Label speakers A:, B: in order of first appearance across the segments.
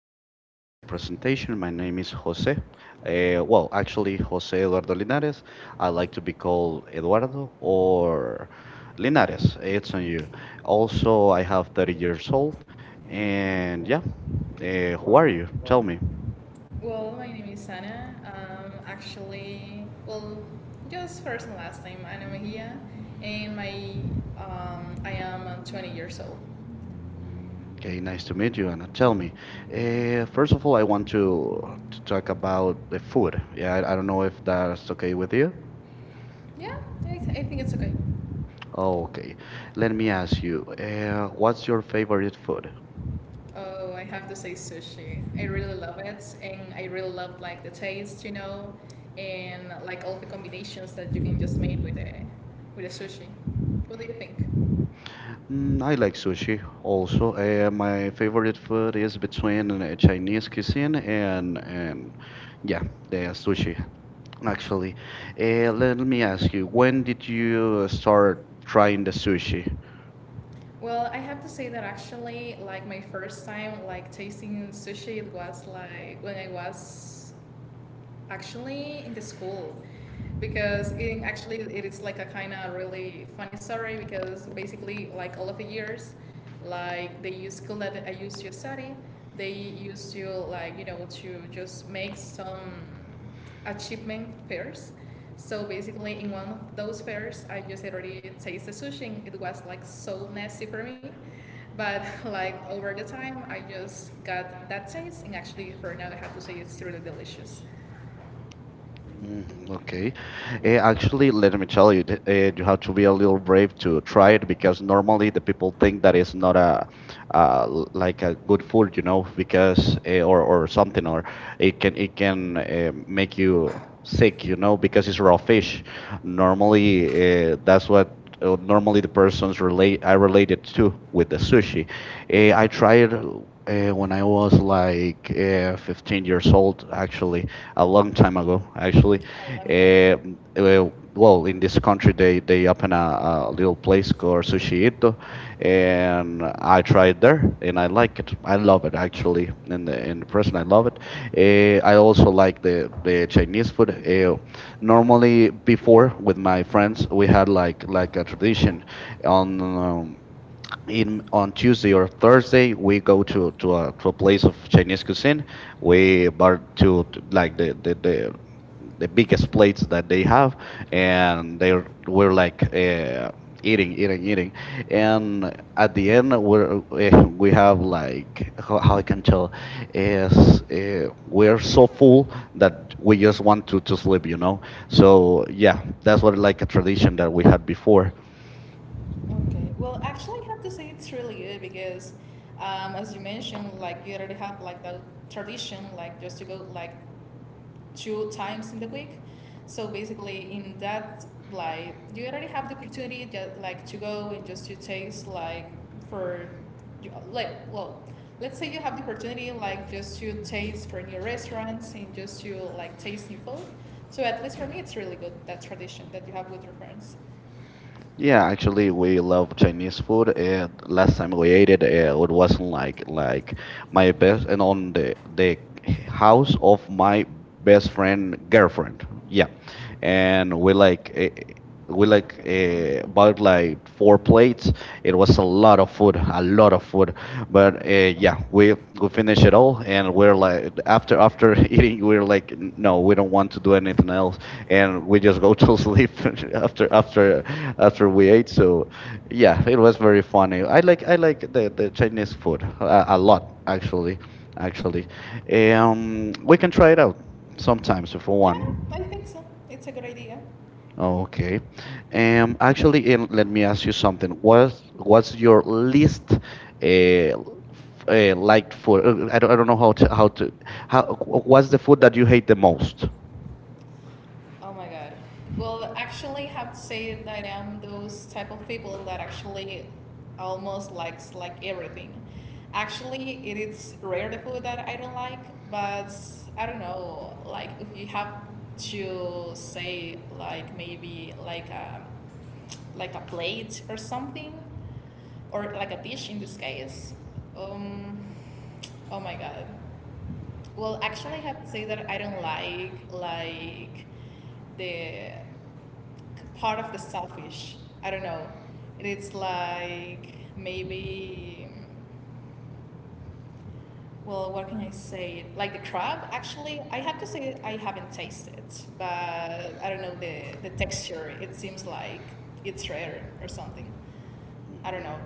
A: where
B: with my
A: the
B: presentation.
A: transportation
B: My name is
A: piece was
B: Jose.
A: it. And what
B: Well,
A: country
B: actually,
A: we
B: Jose
A: said on
B: Eduardo
A: that,
B: Linares. I
A: I'd
B: like
A: like
B: to be
A: to go
B: called
A: well
B: Eduardo
A: or
B: or
A: in that
B: Linares. It's
A: it's
B: on you. Also,
A: also
B: I have 30
A: on
B: years old. And
A: and
B: yeah,
A: what and
B: who are
A: what
B: you?
A: tell
B: Tell
A: me.
B: me.
A: Well, my name is Sana. Just first and last name, Ana Mejia, and my I am 20 years old.
B: Okay, nice to meet you, Anna. Tell me, first of all, I want to talk about the food. Yeah, I don't know if that's okay with you.
A: Yeah, I think it's okay.
B: Okay, let me ask you, what's your favorite food?
A: Oh, I have to say sushi. I really love it, and I really love like the taste, and like all the combinations that you can just make with the sushi. What do you think?
B: I like sushi also. My favorite food is between Chinese cuisine, and yeah, the sushi actually. Let me ask you, when did you start trying the sushi?
A: Well, I have to say that actually, like my first time, like tasting sushi, it was like when I was actually in the school because it actually it is like a kind of really funny story because basically like all of the years like the school that I used to study they used to like to just make some achievement fairs so basically in one of those fairs I just already tasted sushi and it was like so nasty for me but like over the time I just got that taste and actually for now I have to say it's really delicious.
B: Mhm. Okay. Actually, let me tell you, you have to be a little brave to try it, because normally the people think that it's not like a good food, because or something, or it can make you sick, because it's raw fish.
A: Normally,
B: Normally,
A: that's
B: that's
A: what,
B: what normally
A: normally
B: the
A: the person
B: persons
A: is waiting,
B: relate I
A: I believe,
B: related to
A: to
B: with the
A: the surgery.
B: sushi.
A: And
B: I
A: I tried it,
B: tried. When I was like 15 years old, actually, a long time ago, actually. Uh, well, in this country, they open a little place called Sushi Ito, and
A: and
B: I tried there, and I
A: I liked
B: like it.
A: it,
B: I
A: I
B: love
A: loved
B: it
A: it. So,
B: actually. In the
A: and the
B: present,
A: person
B: I
A: I
B: love
A: bought
B: it.
A: it, and
B: I
A: I also
B: also like
A: liked
B: the
A: it.
B: the
A: There's,
B: Chinese
A: put
B: food.
A: it there. Normally,
B: Normally,
A: for
B: before with
A: my
B: my friends,
A: friends,
B: we
A: we
B: had
A: have,
B: like a
A: like,
B: tradition
A: um,
B: on.
A: you know,
B: In
A: meeting on
B: On Tuesday
A: Tuesday or
B: or
A: Thursday,
B: Thursday
A: and
B: we
A: put
B: go
A: it for
B: to a place
A: release
B: of
A: the
B: Chinese
A: previous
B: cuisine.
A: meeting.
B: We
A: We are
B: bar
A: to
B: to like
A: act
B: the the,
A: with the
B: the the
A: biggest
B: biggest plates
A: place
B: that they
A: they have.
B: have,
A: And
B: and they were
A: we're like,
B: like eating, eating, eating,
A: and
B: and at
A: at the
B: the
A: end
B: end
A: of the presentation,
B: we
A: we have
B: have like how,
A: from,
B: how I can tell is, we're
A: we're so
B: so full
A: that
B: that
A: we
B: we just
A: just want
B: want
A: to
B: to
A: just let
B: sleep, you
A: you know.
B: know.
A: So,
B: So
A: yeah,
B: yeah, that's
A: that's
B: what
A: what my
B: like a
A: vision
B: tradition
A: that
B: that
A: we
B: we
A: have
B: had
A: for.
B: before.
A: Okay. Well, actually, I have to say it's really good because, as you mentioned, like you already have like the tradition, like just to go like two times in the week. So basically, in that like you already have the opportunity that like to go and just to taste like for, you- like well, let's say you have the opportunity like just to taste for new restaurants and just to like taste new food. So at least for me, it's really good that tradition that you have with your friends.
B: Yeah,
A: Yeah.
B: actually, we love Chinese food. And last time we ate it, it wasn't like my best, and
A: On
B: on the
A: the
B: the house
A: house
B: of
A: or my
B: my best
A: best and
B: friend girlfriend. Yeah,
A: yeah. And
B: and we
A: like,
B: like eh, we
A: we like
B: like
A: the, the, the,
B: uh, bought like four
A: the, the, the,
B: plates. It
A: it was
B: was a
A: a
B: lot
A: lot
B: of
A: of
B: food,
A: food,
B: a
A: a lot
B: lot
A: of
B: of food.
A: food
B: But
A: but
B: yeah,
A: we
B: we
A: finished
B: finish it
A: it all,
B: all, and
A: and we're
B: we're
A: like,
B: like
A: I can't,
B: after
A: I can,
B: eating we're
A: they're like,
B: like
A: no,
B: no we
A: we
B: don't
A: want
B: want to
A: to
B: do
A: do it,
B: anything else, and we
A: and we have
B: just go
A: a
B: to
A: fix the
B: sleep after
A: future, like, that's what
B: we
A: we did,
B: ate.
A: so,
B: So
A: yeah,
B: yeah, it
A: we're
B: was
A: going to
B: very
A: be on
B: funny.
A: my
B: i
A: bed, like,
B: like i like the, the
A: ten
B: Chinese
A: minutes,
B: food a, a
A: long,
B: lot, actually
A: actually,
B: actually
A: and we
B: We can
A: can try
B: try it
A: that
B: out
A: sometimes.
B: sometimes if we want.
A: Yeah, I think so. It's a good idea. Okay.
B: Okay.
A: And I think
B: Actually, and let
A: that we
B: me
A: have
B: ask
A: to
B: you
A: talk
B: something.
A: about
B: What's
A: what's
B: what's your
A: your least
B: least
A: uh,
B: uh, liked food? I don't know how to how to how what's the food that you hate the most?
A: oh my god. Well, actually, have to say that I'm those type of people that actually almost likes like everything. Actually, it is rare the food that I don't like, but I don't know. Like, if you have to say like maybe like a plate or something, or like a dish in this case, um, oh my god. Well, actually, I have to say that I don't like the part of the selfish. I don't know. It's like maybe. Well, what can I say? Like the crab. Actually, I have to say I haven't tasted, but I don't know the texture. It seems like it's rare or something. I
B: Mhm.
A: don't know.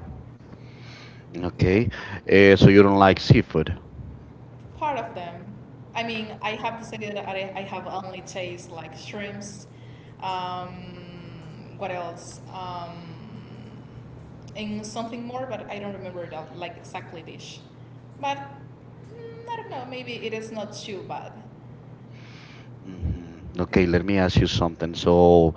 B: Okay. So you don't like seafood.
A: Part of them. I mean, I have to say that I have only tasted like shrimps. What else? And something more, but I don't remember the like exactly dish. But I don't know. Maybe it is not too bad.
B: Mhm.
A: Okay.
B: Okay, let me ask you something.
A: So,
B: So,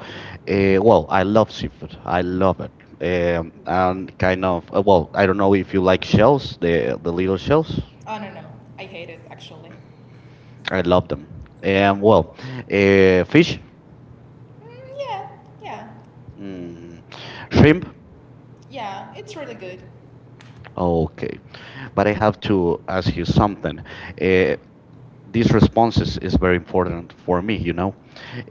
B: well, I
A: no,
B: love seafood. I love it.
A: eh, ah,
B: And
A: eh,
B: kind of, well,
A: well,
B: I don't know if you like
A: no,
B: shells,
A: eh,
B: the little
A: yes,
B: shells.
A: oh no, I hate it actually
B: I
A: you
B: love them. And
A: well,
B: well,
A: yeah.
B: fish,
A: Mm, yeah, yeah,
B: mm, shrimp.
A: yeah. It's really good.
B: Okay, but I have to ask you something. Uh, these responses is very important for me. You know,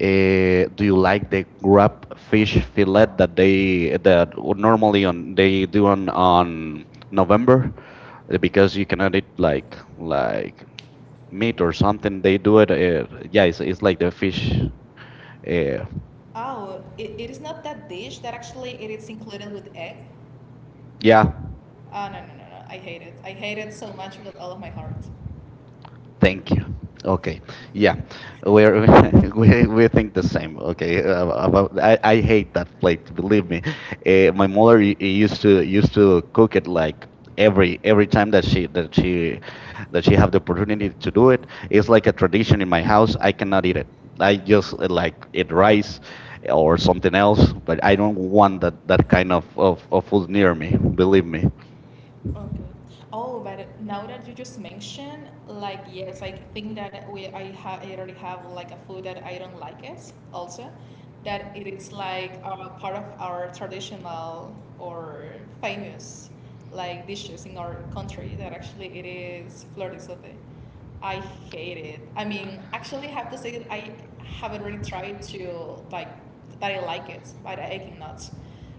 B: do you like the
A: Like
B: grab fish fillet that they that
A: uh,
B: normally on they do on November?
A: November, so because
B: Because you
A: like
B: cannot eat like
A: like
B: like meat or something. They do it. Yeah,
A: yes
B: it's
A: like
B: like the fish. Uh,
A: oh, it is not that dish that actually it is included with egg.
B: yeah.
A: Yeah. Oh, no, no, no! I hate it. I hate it so much with all of my heart things.
B: Thank you. Okay.
A: So, yeah.
B: Yeah.
A: Where are
B: We're, we
A: everything.
B: think the same. Okay. About I,
A: Yeah, I think
B: hate that plate.
A: that
B: Believe
A: really,
B: me. My mother
A: women is
B: used
A: to
B: to
A: do it,
B: used to cook it like
A: every
B: every
A: person
B: time that
A: that
B: she
A: she can see, that she
B: have
A: have
B: the
A: the
B: opportunity
A: opportunity
B: to
A: to do
B: do
A: it.
B: it.
A: Yes,
B: It's
A: I
B: like a
A: can teach
B: tradition in
A: in
B: my
A: my house
B: house. I
A: and
B: cannot
A: do
B: eat
A: it.
B: it.
A: I
B: I
A: do
B: just,
A: like
B: like eat
A: with rice
B: rice or
A: or
B: something
A: something else.
B: else, but
A: I
B: I
A: don't
B: don't want
A: want
B: that
A: like
B: that
A: that
B: kind
A: kind
B: of
A: old
B: food near
A: mirror,
B: me. Believe
A: really.
B: me.
A: Okay. Oh, but now that you just mentioned, like yes, I think that we I already have like a food that I don't like it also, that it is like part of our traditional or famous like dishes in our country that actually it is fleur de sote. I hate it. I mean, actually, I have to say that I have already tried to like that I like it, but I cannot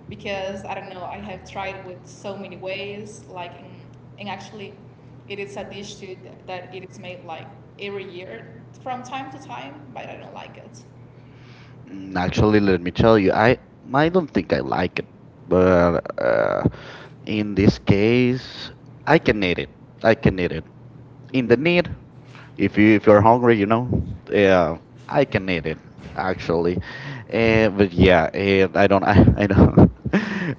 A: because I don't know, I have tried with so many ways, like in, and actually it is a dish too that it is made like every year from time to time, but I don't like it.
B: Actually, let me tell you, I don't think I like it, but in this case, I can eat it. I can eat it. In the need, if you if you're hungry, you know, yeah, I can eat it actually. But yeah, I don't I don't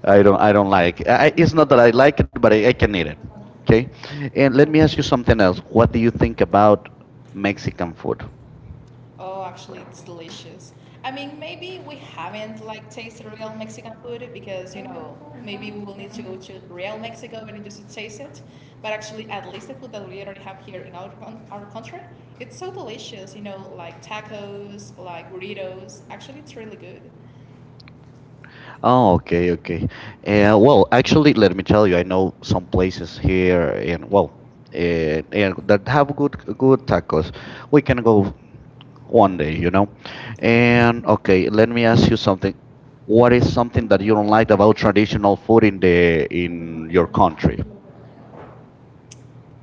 B: I don't like. It's not that I like it, but I can eat it. Okay, and let me ask you something else. What do you think about Mexican food?
A: Oh, actually, it's delicious. I mean, maybe we haven't like tasted real Mexican food because maybe we will need to go to real Mexico and just to taste it. But actually, at least the food that we already have here in our coun- our country, it's so delicious. You know, like tacos, like burritos. Actually, it's really good.
B: Oh,
A: Oh,
B: okay, okay.
A: yeah.
B: Well, actually, let me tell you, I
A: Yeah.
B: know some places here and well,
A: Yeah.
B: that have good tacos. We can go one day. And okay, let me ask you something. What is something that you don't like about traditional food in the in your country?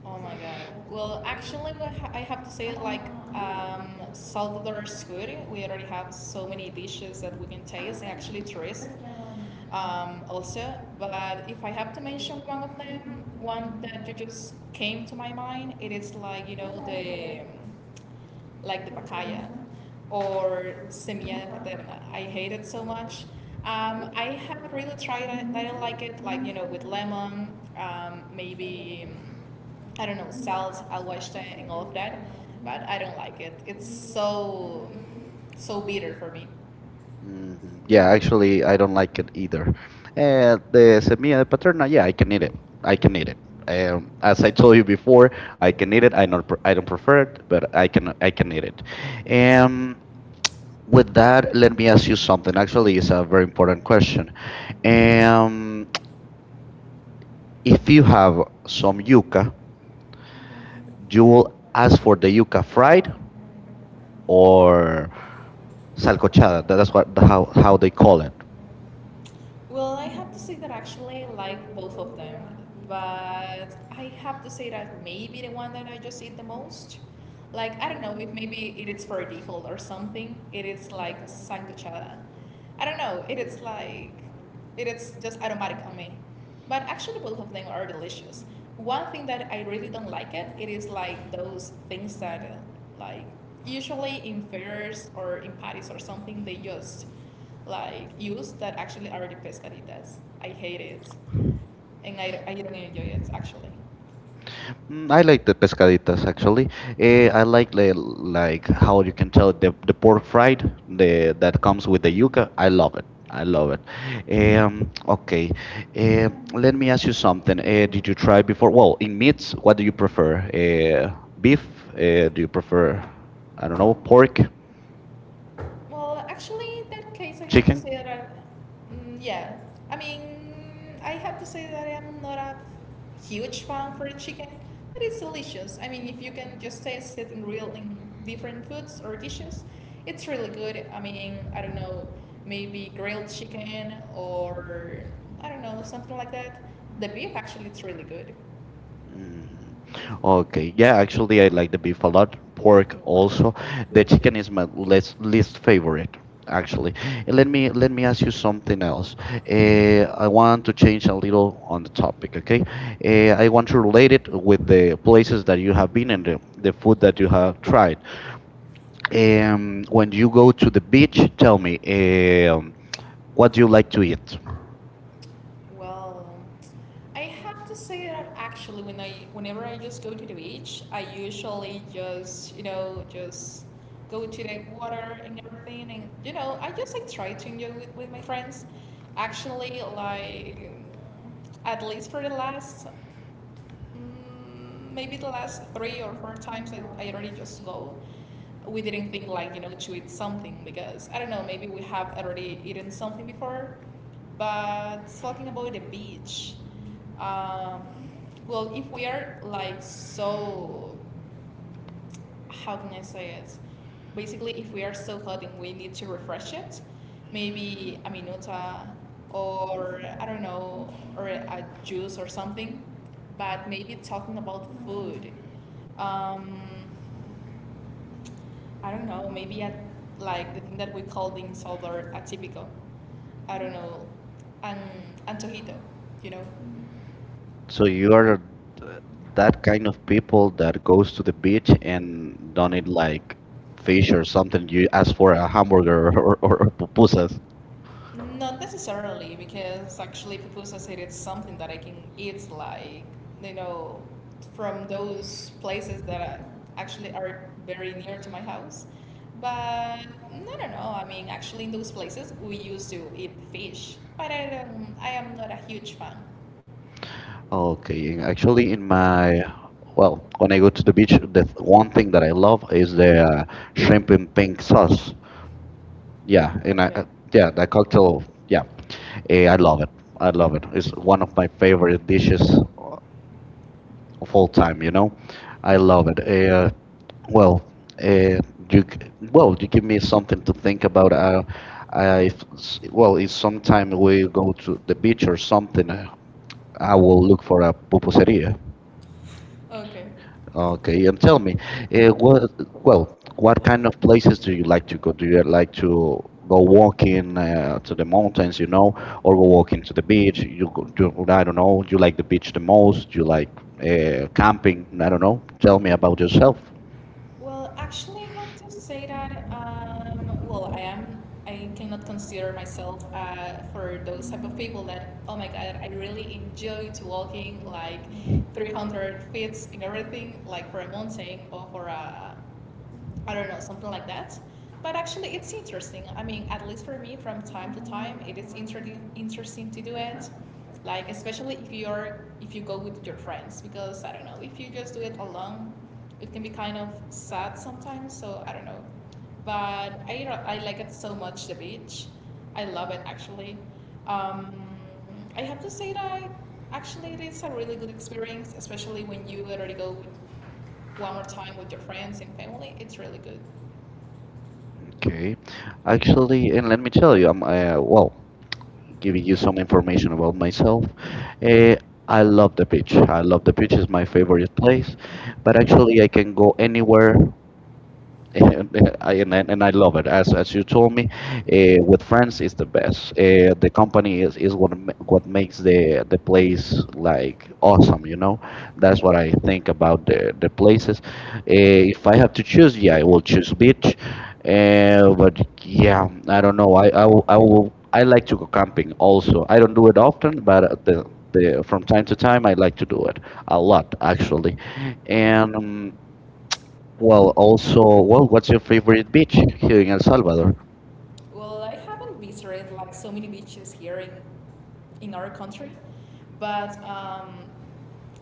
A: Oh my god. Well, actually, I have to say, like, Salvador is good. We already have so many dishes that we can taste, and actually, tourists also. But if I have to mention one of them, one that you just came to my mind, it is like the like the pacaya or semilla de paterna. I hate it so much. I haven't really tried it. I don't like it. Like with lemon, maybe. I don't know, salt, aguachta, and all of that, but I don't like it. It's so bitter for me.
B: Hmm. Yeah,
A: Yeah.
B: actually, I don't like it either.
A: And
B: The
A: it is.
B: semilla de paterna, yeah, I can eat it. I can eat it.
A: And
B: As
A: as
B: I
A: I
B: told
A: told
B: you
A: you
B: before,
A: before, I
B: I can
A: can
B: eat it.
A: either have a
B: I don't
A: family
B: prefer
A: prayer,
B: it, but
A: but I didn't
B: I
A: make
B: can eat it.
A: it. And
B: Um, with
A: with that,
B: that,
A: then
B: let me
A: the
B: ask
A: answer
B: you
A: is no,
B: something.
A: and so
B: Actually,
A: it
B: it's
A: is
B: a
A: not.
B: very important question.
A: And
B: Um, if
A: if you
B: you
A: have
B: have some
A: some people,
B: yuca, you will
A: you
B: ask
A: ask
B: for
A: your
B: the
A: people,
B: yuca
A: right?
B: fried
A: Or
B: or
A: sacrifice,
B: salcochada. That's what how they call
A: or,
B: it.
A: well, I have to say that actually I like both of them, but I have to say that maybe the one that I just eat the most, like I don't know if maybe it is for default or something. It is like sancochada. I don't know. It is like it is just automatic on me. But actually, both of them are delicious. One thing that I really don't like it is like those things that like usually in fairs or in parties or something they just like use that actually already pescaditas. I hate it, and I don't enjoy it actually.
B: I
A: Okay.
B: like the pescaditas actually.
A: Yeah.
B: I like the like how you can tell the pork fried the that comes with the yuca. I love it. I love it. Okay. Eh, Let me ask you something. Did you try before? Well, in meats, what do you prefer? Beef?
A: Beef, uh,
B: Do you prefer, I don't
A: for
B: know,
A: pork,
B: pork,
A: well, actually, in that case, I have to
B: chicken?
A: say that I, yeah, I mean, I have to say that I am not a huge fan for chicken, but it's delicious. I mean, if you can just taste it in real in different foods or dishes, it's really good. I mean, I don't know, maybe grilled chicken or I don't know something like that. The beef actually, it's really good.
B: Hmm.
A: Okay.
B: Okay. Yeah, actually, I
A: Yeah,
B: like the beef a lot. Pork also. The
A: let's
B: chicken is my
A: mix
B: least
A: that in.
B: favorite, actually.
A: Actually,
B: And
A: Let me,
B: let
A: let
B: me
A: me
B: ask
A: ask
B: you
A: you
B: something else.
A: something.
B: I
A: One
B: want
A: of
B: to
A: the
B: change
A: things
B: a little on the topic, okay?
A: okay? I
B: I want to
A: want to
B: relate
A: take
B: it with
A: the
B: the
A: post
B: places
A: that
B: that you
A: you
B: have
A: have
B: been and
A: in you,
B: the,
A: the
B: the
A: post
B: food
A: that
B: that you
A: you
B: have
A: have.
B: tried.
A: And when
B: When
A: you
B: you go
A: go
B: to the
A: to
B: beach,
A: each
B: tell me,
A: topic,
B: um, what
A: what
B: do you
A: you
B: like to eat?
A: have. Well, I have to say that actually, when I whenever I just go to the beach, I usually just just go to the water and everything, and I just like try to enjoy with my friends. Actually, like at least for the last maybe the last 3 or 4 times I already just go. We didn't think like to eat something because I don't know maybe we have already eaten something before, but talking about the beach, um, well if we are like so how can I say it? Basically, if we are so hot and we need to refresh it, maybe a minuta or I don't know, or a juice or something. But maybe talking about food. Um, I don't know, maybe at like the thing that we call the insolver atípico. I don't know, an antojito, you know.
B: So
A: So you
B: you are that kind of people that goes to the beach and don't eat like fish or something. You ask for a hamburger or pupusas.
A: not necessarily, because actually pupusa said it's something that I can eat, like, you know, from those places that actually are very near to my house. But no. I mean, actually, in those places, we used to eat fish, but I am not a huge fan.
B: Okay, and actually, in my
A: Well,
B: well, when I go to the beach, one thing that I love is the, shrimp in pink sauce.
A: yeah.
B: Yeah, and
A: Okay. Yeah,
B: yeah, that
A: that cocoa,
B: cocktail.
A: yeah.
B: Yeah,
A: We
B: I
A: have,
B: love it. I love
A: um,
B: it. It's one
A: one
B: of my
A: regular,
B: favorite dishes
A: just
B: o- of all
A: full-time.
B: time. You know, I
A: I love
B: love it.
A: to have, well,
B: Well,
A: and,
B: uh,
A: well,
B: you
A: you
B: give me
A: need
B: something
A: something
B: to
A: to think
B: think about.
A: about.
B: I
A: I
B: f- s- well,
A: scroll
B: If
A: sometimes, I
B: sometime
A: will
B: we
A: go
B: go
A: to
B: to the
A: the beach
B: beach or
A: or
B: something,
A: something,
B: I
A: I
B: will
A: will,
B: look for a
A: say,
B: pupuseria.
A: okay.
B: Okay, and tell me, uh, what well, what kind of places do you like to go? Do you like to go walking, to the mountains, or go walking to the beach? I don't know. You like the beach the most? You like, camping? I don't know. Tell me about
A: Well,
B: yourself.
A: well, actually, I have to say that, well, I am, I cannot consider myself for those type of people that, oh my God, I really enjoy to walking like 300 feet in everything, like for a mountain or for a I don't know, something like that. But actually, it's interesting. I mean, at least for me, from time to time, it is interesting to do it. Like especially if you're if you go with your friends, because I don't know, if you just do it alone, it can be kind of sad sometimes. So I don't know, but I like it so much. The beach, I love it actually. Um, I have to say that I, actually it is a really good experience, especially when you already go with one more time with your friends and family, it's really good.
B: Okay. Actually, and let me tell you, I'm well, giving you some information about myself. Uh, I
A: I love it.
B: love the beach. I love the beach. It's my favorite place. But
A: But actually
B: actually, I
A: I can
B: can
A: go
B: go anywhere,
A: anywhere
B: and I love it. As you told me, with friends it's the best. The company is what what makes the place like awesome. You know, that's what I think about the places. If I have to choose, yeah, I will choose beach.
A: and,
B: But
A: yeah,
B: yeah, I don't
A: um,
B: know. I
A: I,
B: will. I
A: I
B: like
A: like
B: to go
A: to travel
B: camping
A: also,
B: also. I
A: I
B: don't
A: do
B: do it often, but the from
A: the,
B: time to time
A: time
B: I
A: to
B: like to do it
A: I like
B: a
A: a lot.
B: lot actually,
A: And
B: and. Well,
A: wow.
B: also, well, what's your favorite beach here in El Salvador?
A: Well, I haven't visited like so many beaches here in our country, but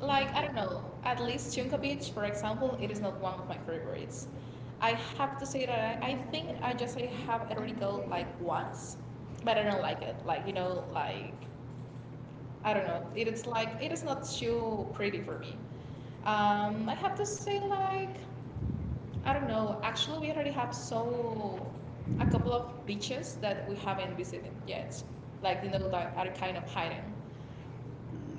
A: like I don't know, at least Chunka Beach, for example, it is not one of my favorites. I have to say that I think I just I have already go like once, but I don't like it. Like you know, like I don't know, it is like it is not too pretty for me. I have to say like I don't know. Actually, we already have so a couple of beaches that we haven't visited yet. Like you know that are kind of hidden.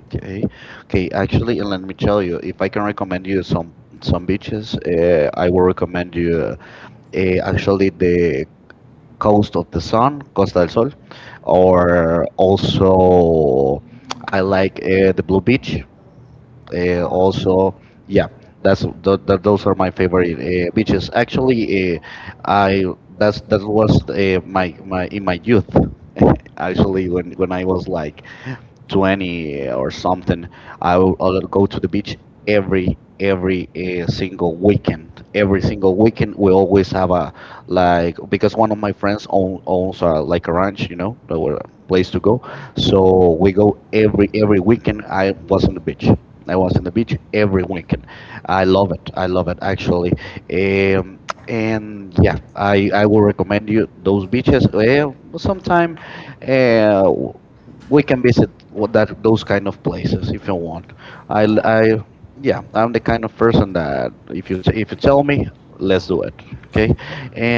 B: Okay, okay. Actually, and let me tell you, if I can recommend you some beaches, I will recommend you actually the
A: Or
B: Coast of the Sun, Costa del Sol, or
A: so
B: also
A: I
B: I
A: like.
B: like, the Blue Beach.
A: And oh.
B: Also,
A: Yeah,
B: yeah, that's
A: that's that's
B: th
A: what
B: th those are my
A: I'm
B: favorite, beaches. Actually,
A: doing.
B: I
A: I
B: that's
A: that's the
B: that was,
A: course and I
B: my my in my
A: need
B: youth. Actually, when I was like
A: join.
B: 20, or something,
A: Someone. I will.
B: I will go to
A: Do
B: the beach
A: Every,
B: every
A: every,
B: every uh, single
A: single weekend,
B: weekend. Every
A: every
B: single
A: single
B: weekend,
A: weekend,
B: we
A: go
B: always have
A: out,
B: a
A: like,
B: like because
A: that's
B: one
A: one
B: of
A: of
B: my
A: my
B: friends
A: friends, like,
B: owns like a
A: also, I'm
B: ranch, a
A: a
B: place
A: place to
B: to go.
A: go. So,
B: So we go every
A: every I love,
B: weekend. I was on the beach.
A: college.
B: I
A: I
B: was
A: was
B: on the beach every
A: every,
B: weekend. I love it. I
A: I
B: love
A: love
B: it actually. Um,
A: my and,
B: and
A: yeah,
B: yeah,
A: I
B: I will
A: work,
B: recommend you those
A: I
B: beaches.
A: just go there.
B: Sometime,
A: And
B: uh, we
A: we can
B: can
A: be
B: visit
A: on that
B: that those
A: those kind
B: kind
A: of
B: of
A: things.
B: places if you
A: You
B: want.
A: I
B: I
A: yeah. Would
B: I
A: like-
B: yeah,
A: Yeah, I
B: I'm the
A: make
B: kind of
A: a
B: person
A: proposal.
B: that if you if you
A: They tell
B: tell
A: me,
B: me,
A: that's
B: let's
A: what,
B: do it.
A: okay,
B: Okay,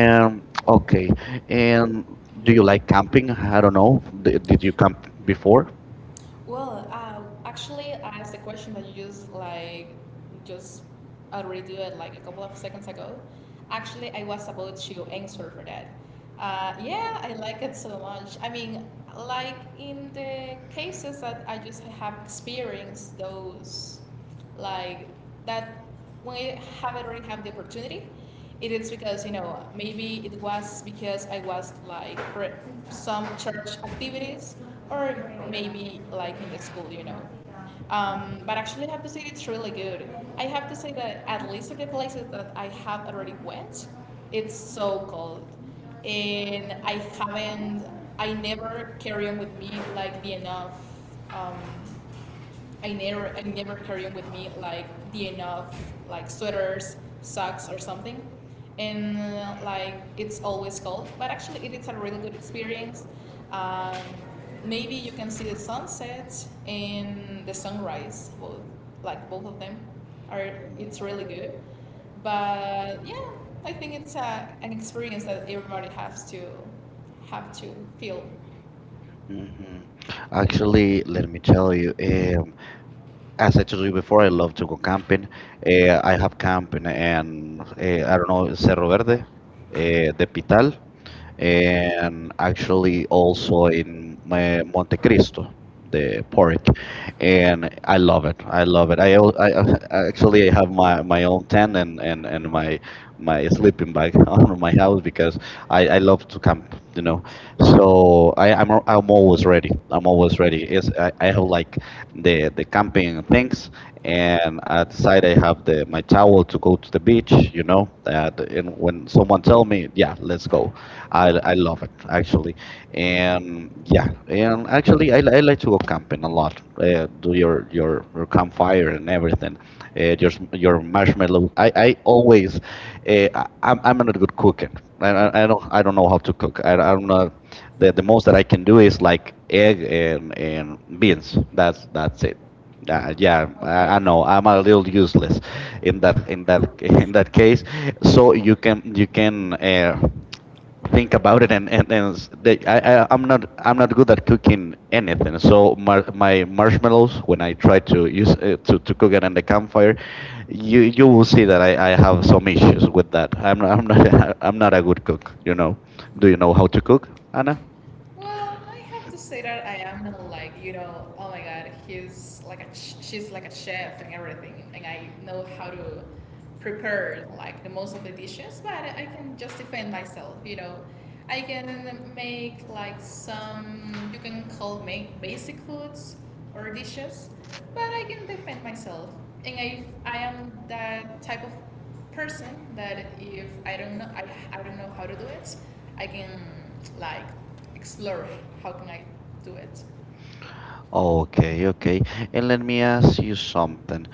A: and,
B: okay,
A: okay, and
B: and
A: do
B: do
A: you
B: you
A: like
B: like
A: camping?
B: camping?
A: I
B: I
A: don't
B: don't
A: know.
B: know. Did you camp
A: Before,
B: before?
A: well, actually, I asked the question that you just like just already do it like a couple of seconds ago. Actually, I was about to answer for that. Yeah, I like it so much. I mean, like in the cases that I just have experienced those like that when I haven't already have the opportunity, it is because you know maybe it was because I was like for some church activities or maybe like in the school, you know. But actually, I have to say it's really good. I have to say that at least for the places that I have already went, it's so cold, and haven't, I never carry on with me like the enough. Um, I never carry with me like the enough like sweaters, socks or something, and like it's always cold. But actually, it is a really good experience. Um, Maybe you can see the sunset and the sunrise. Both like both of them are it's really good. But yeah, I think it's a, an experience that everybody has to have to feel.
B: Hmm. Actually, let me tell you. As I
A: Asset
B: told you before, I
A: performance
B: love to go
A: eh,
B: camping.
A: eh,
B: I have
A: eh,
B: camped in, I don't know, Cerro Verde, the
A: tal,
B: Pital,
A: eh,
B: and actually also in my Monte Cristo, the pork,
A: eh,
B: and I love it. I love it. I, I actually have my, my own tent and my sleeping bag on my house because
A: I had,
B: I love to camp, you
A: you know,
B: know.
A: so
B: So
A: I'm,
B: I'm always ready. I'm
A: I'm always,
B: always ready. I
A: I
B: have
A: know
B: like
A: the
B: the
A: timing
B: camping
A: of things,
B: things,
A: and
B: and I
A: like I
B: decide I
A: said,
B: have the my
A: I
B: towel
A: would
B: to go to the
A: finish,
B: beach, you know.
A: you
B: And
A: know, when
B: when
A: it's going,
B: someone
A: I
B: tell
A: think,
B: me,
A: yeah,
B: yeah,
A: I think
B: let's
A: so.
B: go,
A: I,
B: I love it
A: I,
B: actually,
A: and,
B: and yeah,
A: yeah, and
B: and
A: I think
B: actually, I, li- I like to go
A: I
B: camping a lot.
A: could,
B: Do
A: yeah,
B: your your
A: yeah.
B: campfire and everything,
A: Eh, pero,
B: your marshmallow. I
A: acá hay
B: I
A: poco,
B: always,
A: eh,
B: I'm
A: acá,
B: not good cooking. I,
A: ah,
B: I don't I don't know
A: no,
B: how to cook.
A: ah,
B: I'm not the the
A: tenemos
B: most that I
A: otras
B: can do
A: películas,
B: is like egg
A: eh,
B: and
A: que,
B: beans. That's it.
A: ah,
B: Yeah,
A: ya, ah, okay.
B: I
A: Ah,
B: know. I'm a little useless in
A: most
B: that
A: I can do
B: in
A: is
B: that
A: this. Yeah.
B: case.
A: Okay.
B: So
A: So,
B: you can
A: and,
B: think
A: think
B: about it
A: about it.
B: and
A: They
B: I'm not I'm not good at cooking anything. So my marshmallows when I try to use to cook it in the campfire, you will see that I have some
A: have
B: issues with that. I'm not I'm not a good cook. You know. Do you know how to cook,
A: and
B: Anna?
A: I- Well, I have to say that I am not like you know. Oh my God, he's like a she's like a chef and everything, and I know how to prepared like the most of the dishes, but I can just defend myself, you know. I can make like some you can call make basic foods or dishes, but I can defend myself. And if I am that type of person that if I don't know I don't know how to do it, I can like explore how can I do it.
B: Okay, okay. And let me ask you something.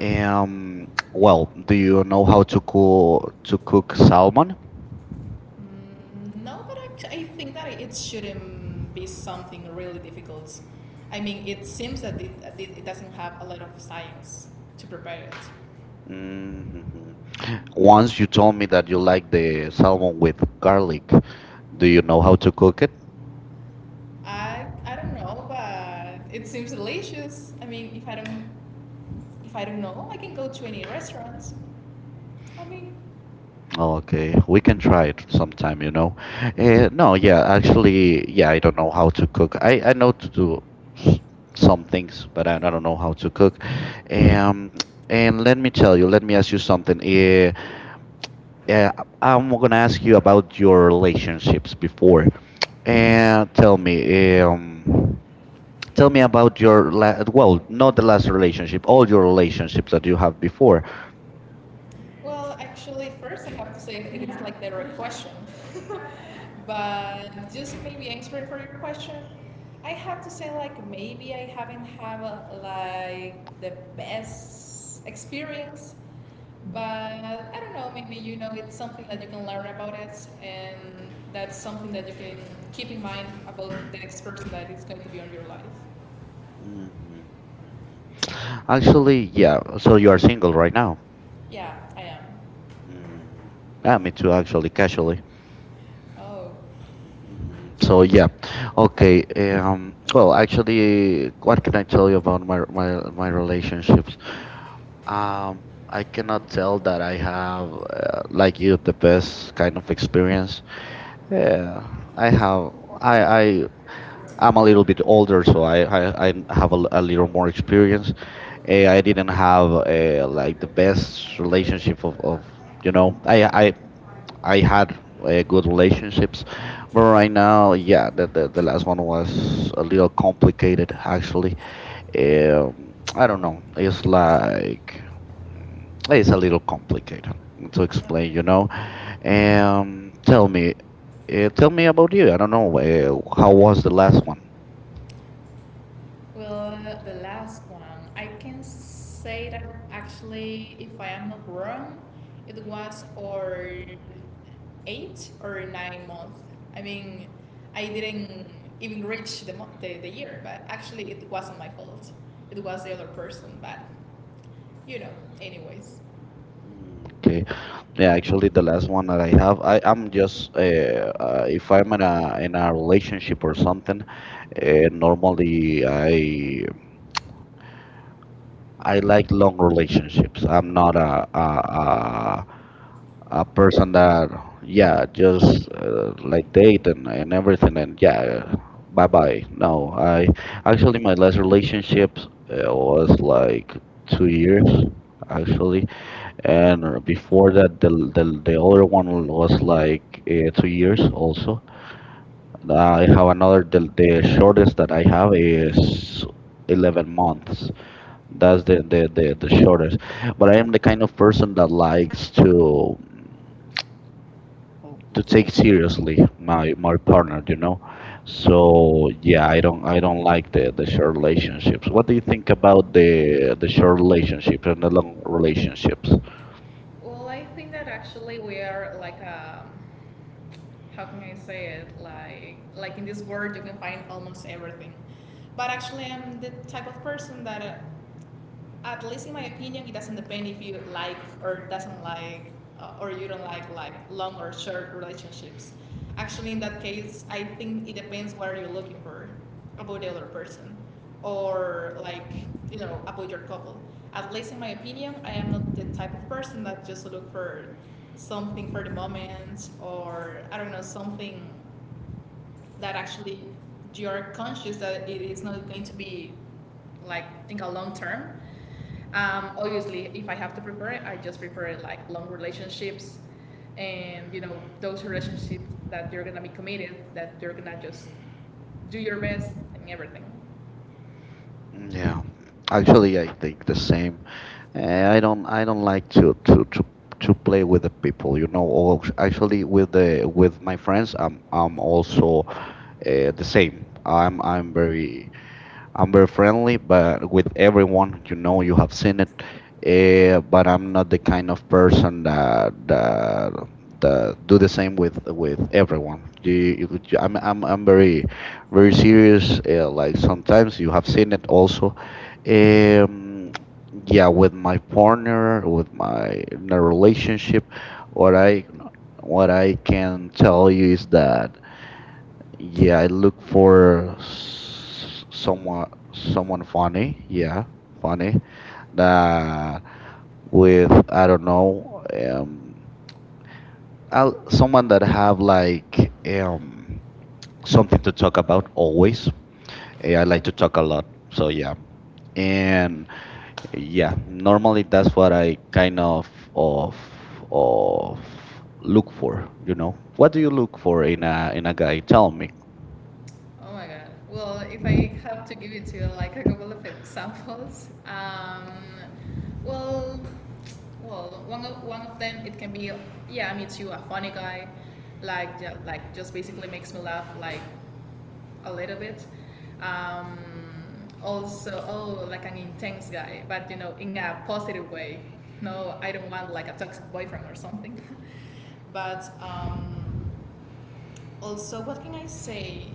B: Well, do you know how to cook salmon?
A: No, but actually, I think that it shouldn't be something really difficult. I mean, it seems that it doesn't have a lot of science to prepare it.
B: Hmm.
A: One
B: Once you told
A: told me
B: me that you
A: that I
B: like
A: think
B: the
A: it's about
B: salmon with garlic. Do you know how to cook
A: the
B: it?
A: I don't know, but it seems delicious. I mean, if I don't know, I can go to any restaurants. I mean,
B: Okay, we can try it sometime, you know. No, yeah, actually, yeah, I don't know how to cook. I know to do s- some things, but I don't know how to cook. Um, and let me tell you, let me ask you something. Uh, I'm gonna ask you about your relationships before. And tell me about your la
A: 正面高低的哎，well,
B: well, not
A: not
B: the
A: that
B: last relationship, all your
A: okay.
B: relationships that you have before.
A: Well, actually, first I have to say it is like the right question. But just maybe answering for your question, I have to say like maybe I haven't have like the best experience. But I don't know, maybe you know it's something that you can learn about it and that's something that you can keep in mind about the next person that is going to be on your life.
B: Mhm. Actually, yeah. So you are single right now.
A: Yeah, I am.
B: Mhm. Ah, me too, actually, casually.
A: Oh,
B: Mhm.
A: so,
B: So
A: yeah.
B: yeah,
A: Okay.
B: okay. Well,
A: So,
B: actually, what can I tell you
A: I
B: about my my relationships? Um, I cannot tell that I have, like you, the best kind of experience. Yeah, I have. I I'm a little bit older, so I have a, a little more experience. I didn't have like the best relationship of, you know. I I had good relationships, but right now, yeah, the last one was a little complicated actually. I don't know. It's
A: yeah.
B: like it's a little complicated to explain,
A: Okay.
B: you know.
A: Yeah.
B: Tell me, tell me
A: Yeah.
B: about you. I don't know. How
A: Oh.
B: was the last one?
A: Well, the last one, I can say that actually, if I am not wrong, it was or 8 or 9 months. I mean, I didn't even reach the the year, but actually, it wasn't my fault. It was the other person, but you know, anyways.
B: Mm. Okay. Yeah,
A: Yeah.
B: actually, the last one that I have, I am just if I'm in a relationship or something, normally I
A: I
B: like long relationships.
A: like
B: I'm not a, a person
A: uh,
B: that
A: yeah,
B: yeah
A: it was,
B: just like date and everything and
A: never had
B: yeah
A: my
B: bye
A: life.
B: bye.
A: Um,
B: No, I
A: I, I
B: actually
A: really
B: my
A: want that
B: last
A: to
B: relationship
A: be
B: was like
A: two
B: two
A: years.
B: years actually,
A: And then
B: and
A: for
B: before
A: it,
B: that the
A: for
B: other one
A: it was
B: was
A: like
B: like
A: weird
B: 2 years
A: years.
B: also.
A: Uh,
B: I have another
A: it
B: the
A: is for
B: shortest that I
A: and how
B: have is 11
A: they
B: months, that's the shortest. But I
A: but
B: am
A: in
B: the kind of
A: person,
B: person that
A: I don't get
B: likes to
A: to
B: take
A: take his team.
B: seriously my partner, you know.
A: So,
B: So
A: yeah,
B: yeah,
A: I don't
B: I don't like
A: think
B: the
A: we
B: short relationships.
A: what
B: What
A: do
B: do you
A: you
B: think
A: think about
B: about the short
A: it?
B: relationships and
A: So,
B: the long relationships?
A: well, I think that actually we are like how can I say it? Like in this world you can find almost everything. But actually, I'm the type of person that at least in my opinion, it doesn't depend if you like or doesn't like or you don't like long or short relationships. Actually, in that case, I think it depends what you're looking for about the other person, or like you know about your couple. At least in my opinion, I am not the type of person that just look for something for the moment or I don't know something that actually you are conscious that it is not going to be like think a long term. Obviously, if I have to prepare it, I just prepare it like long relationships, and you know those relationships that you're gonna be committed, that you're gonna just do your best and everything.
B: Yeah, actually, I think the same. Eh, I don't like to play with the people, you know. Or actually, with the with my friends, I'm also
A: Thank
B: the
A: you
B: same.
A: our
B: I'm very friendly,
A: family, para
B: but with
A: every
B: everyone, you know, you have seen it.
A: and
B: But I'm not the kind of
A: person
B: person that
A: uh, uh,
B: that do the
A: the
B: same
A: second
B: with
A: of heaven.
B: everyone.
A: We
B: I'm
A: very
B: very very
A: worship,
B: serious. Like
A: sometimes
B: sometimes you have seen
A: singing
B: it
A: also.
B: also.
A: And
B: Um,
A: yeah,
B: yeah, with my
A: I wonder
B: partner, with my in a
A: my
B: relationship,
A: relationship,
B: what
A: what I
B: I can tell you is that yeah, I look
A: yeah,
B: for someone funny. Yeah, funny. That with I don't know. I'll, someone that have like something to talk about always. Eh, I like to talk a lot. So yeah,
A: and,
B: and yeah,
A: yeah,
B: normally
A: normally that's
B: that's
A: what
B: what
A: I'm
B: I
A: gonna
B: kind
A: carry on for,
B: of
A: for,
B: of look
A: look
B: for.
A: for,
B: You
A: you
B: know,
A: know, what
B: what do
A: do
B: you
A: you,
B: look for
A: for,
B: in
A: you know,
B: a guy? Tell
A: something
B: me.
A: like oh my God. Well, if I have to give it to you like a couple of examples, well, well, one of them it can be yeah, me too, a funny guy, like just basically makes me laugh like a little bit. Um, Also, oh, like an intense guy, but you know, in a positive way. No, I don't want like a toxic boyfriend or something. But also, what can I say?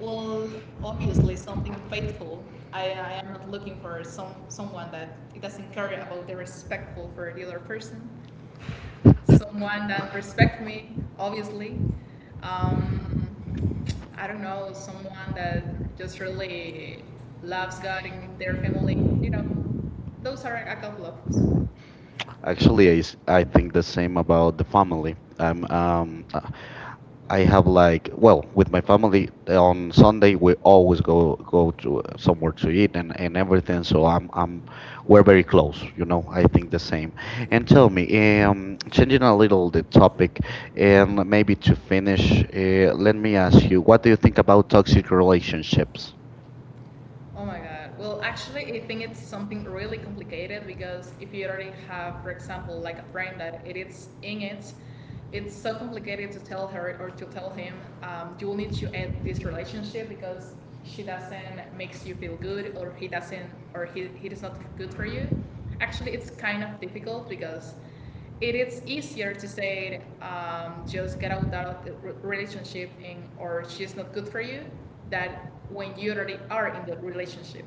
A: Well, obviously something faithful. I am not looking for someone that it doesn't care about the respectful for the other person. Someone that respect me, obviously. Um, I don't know, someone that just really loves God and their family. You know, those are a couple of.
B: Actually,
A: Actually,
B: I
A: I
B: think the same
A: think about
B: about the
A: me,
B: family.
A: I'm,
B: I have
A: um, and
B: like well with my family on Sunday we always go to somewhere to eat and everything. So I'm we're very close, you know. I think the same. And tell me, changing a little the topic, and maybe
A: maybe
B: to
A: they
B: finish,
A: mentioned, and
B: let
A: then
B: me
A: they
B: ask
A: asked,
B: you,
A: why
B: what do
A: have
B: you
A: you
B: think about
A: developed such a
B: toxic
A: relationship?
B: relationships?
A: Oh my God. Well, actually, I think it's something really complicated because if you already have, for example, like a friend that it is in it, it's so complicated to tell her or to tell him you will need to end this relationship because she doesn't makes you feel good or he doesn't or he is not good for you. Actually, it's kind of difficult because it is easier to say, just get out of the relationship and, or she's not good for you, that when you already are in the relationship.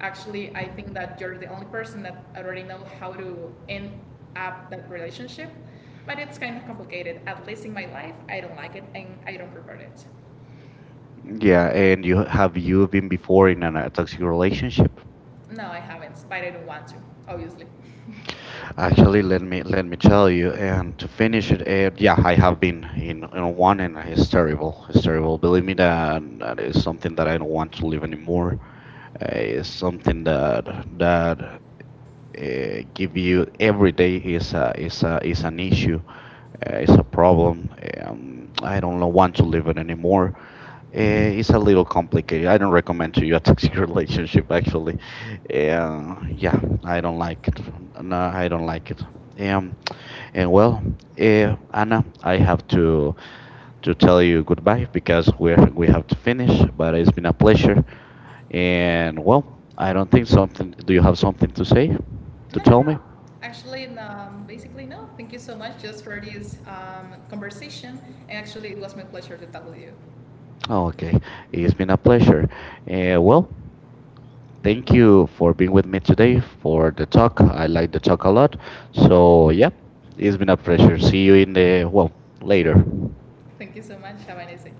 A: Actually, I think that you're the only person that already know how to end up that relationship, but it's kind of complicated. At least in my life, I don't like it and I don't prefer it. Yeah.
B: Yeah, and you have you been before in a toxic relationship?
A: No, I haven't, but I don't want to, obviously.
B: Actually, let me tell you, and to finish
A: Finished
B: it,
A: and
B: yeah,
A: I
B: I
A: got like
B: have been
A: in
B: in
A: the
B: one,
A: morning,
B: and it's
A: so,
B: terrible. It's terrible. Believe me,
A: so
B: that is something that I don't want to live
A: uh,
B: anymore. It's something
A: uh,
B: that
A: yeah.
B: that give you every day is is an issue, is a problem. I don't know, want to live it anymore. It's a little complicated. I don't recommend to you a toxic relationship actually. Yeah, I don't like it. No, I don't like it. Um, and well, Anna, I have to tell you goodbye because we have to finish. But it's been a pleasure,
A: And,
B: and
A: well,
B: well,
A: I
B: I don't
A: don't
B: think
A: think
B: something.
A: so,
B: Do you have something to say,
A: you
B: to
A: know, no,
B: tell
A: no,
B: me?
A: no. Actually, no, basically, no. Thank you so much just for this conversation. And actually, it was my pleasure to talk with you.
B: Oh, okay, it's been a pleasure. Well, thank you for being with me today for the talk. I like the talk a lot. So yeah, it's been a pleasure. See you in the well later.
A: Thank you so much. Have a nice day.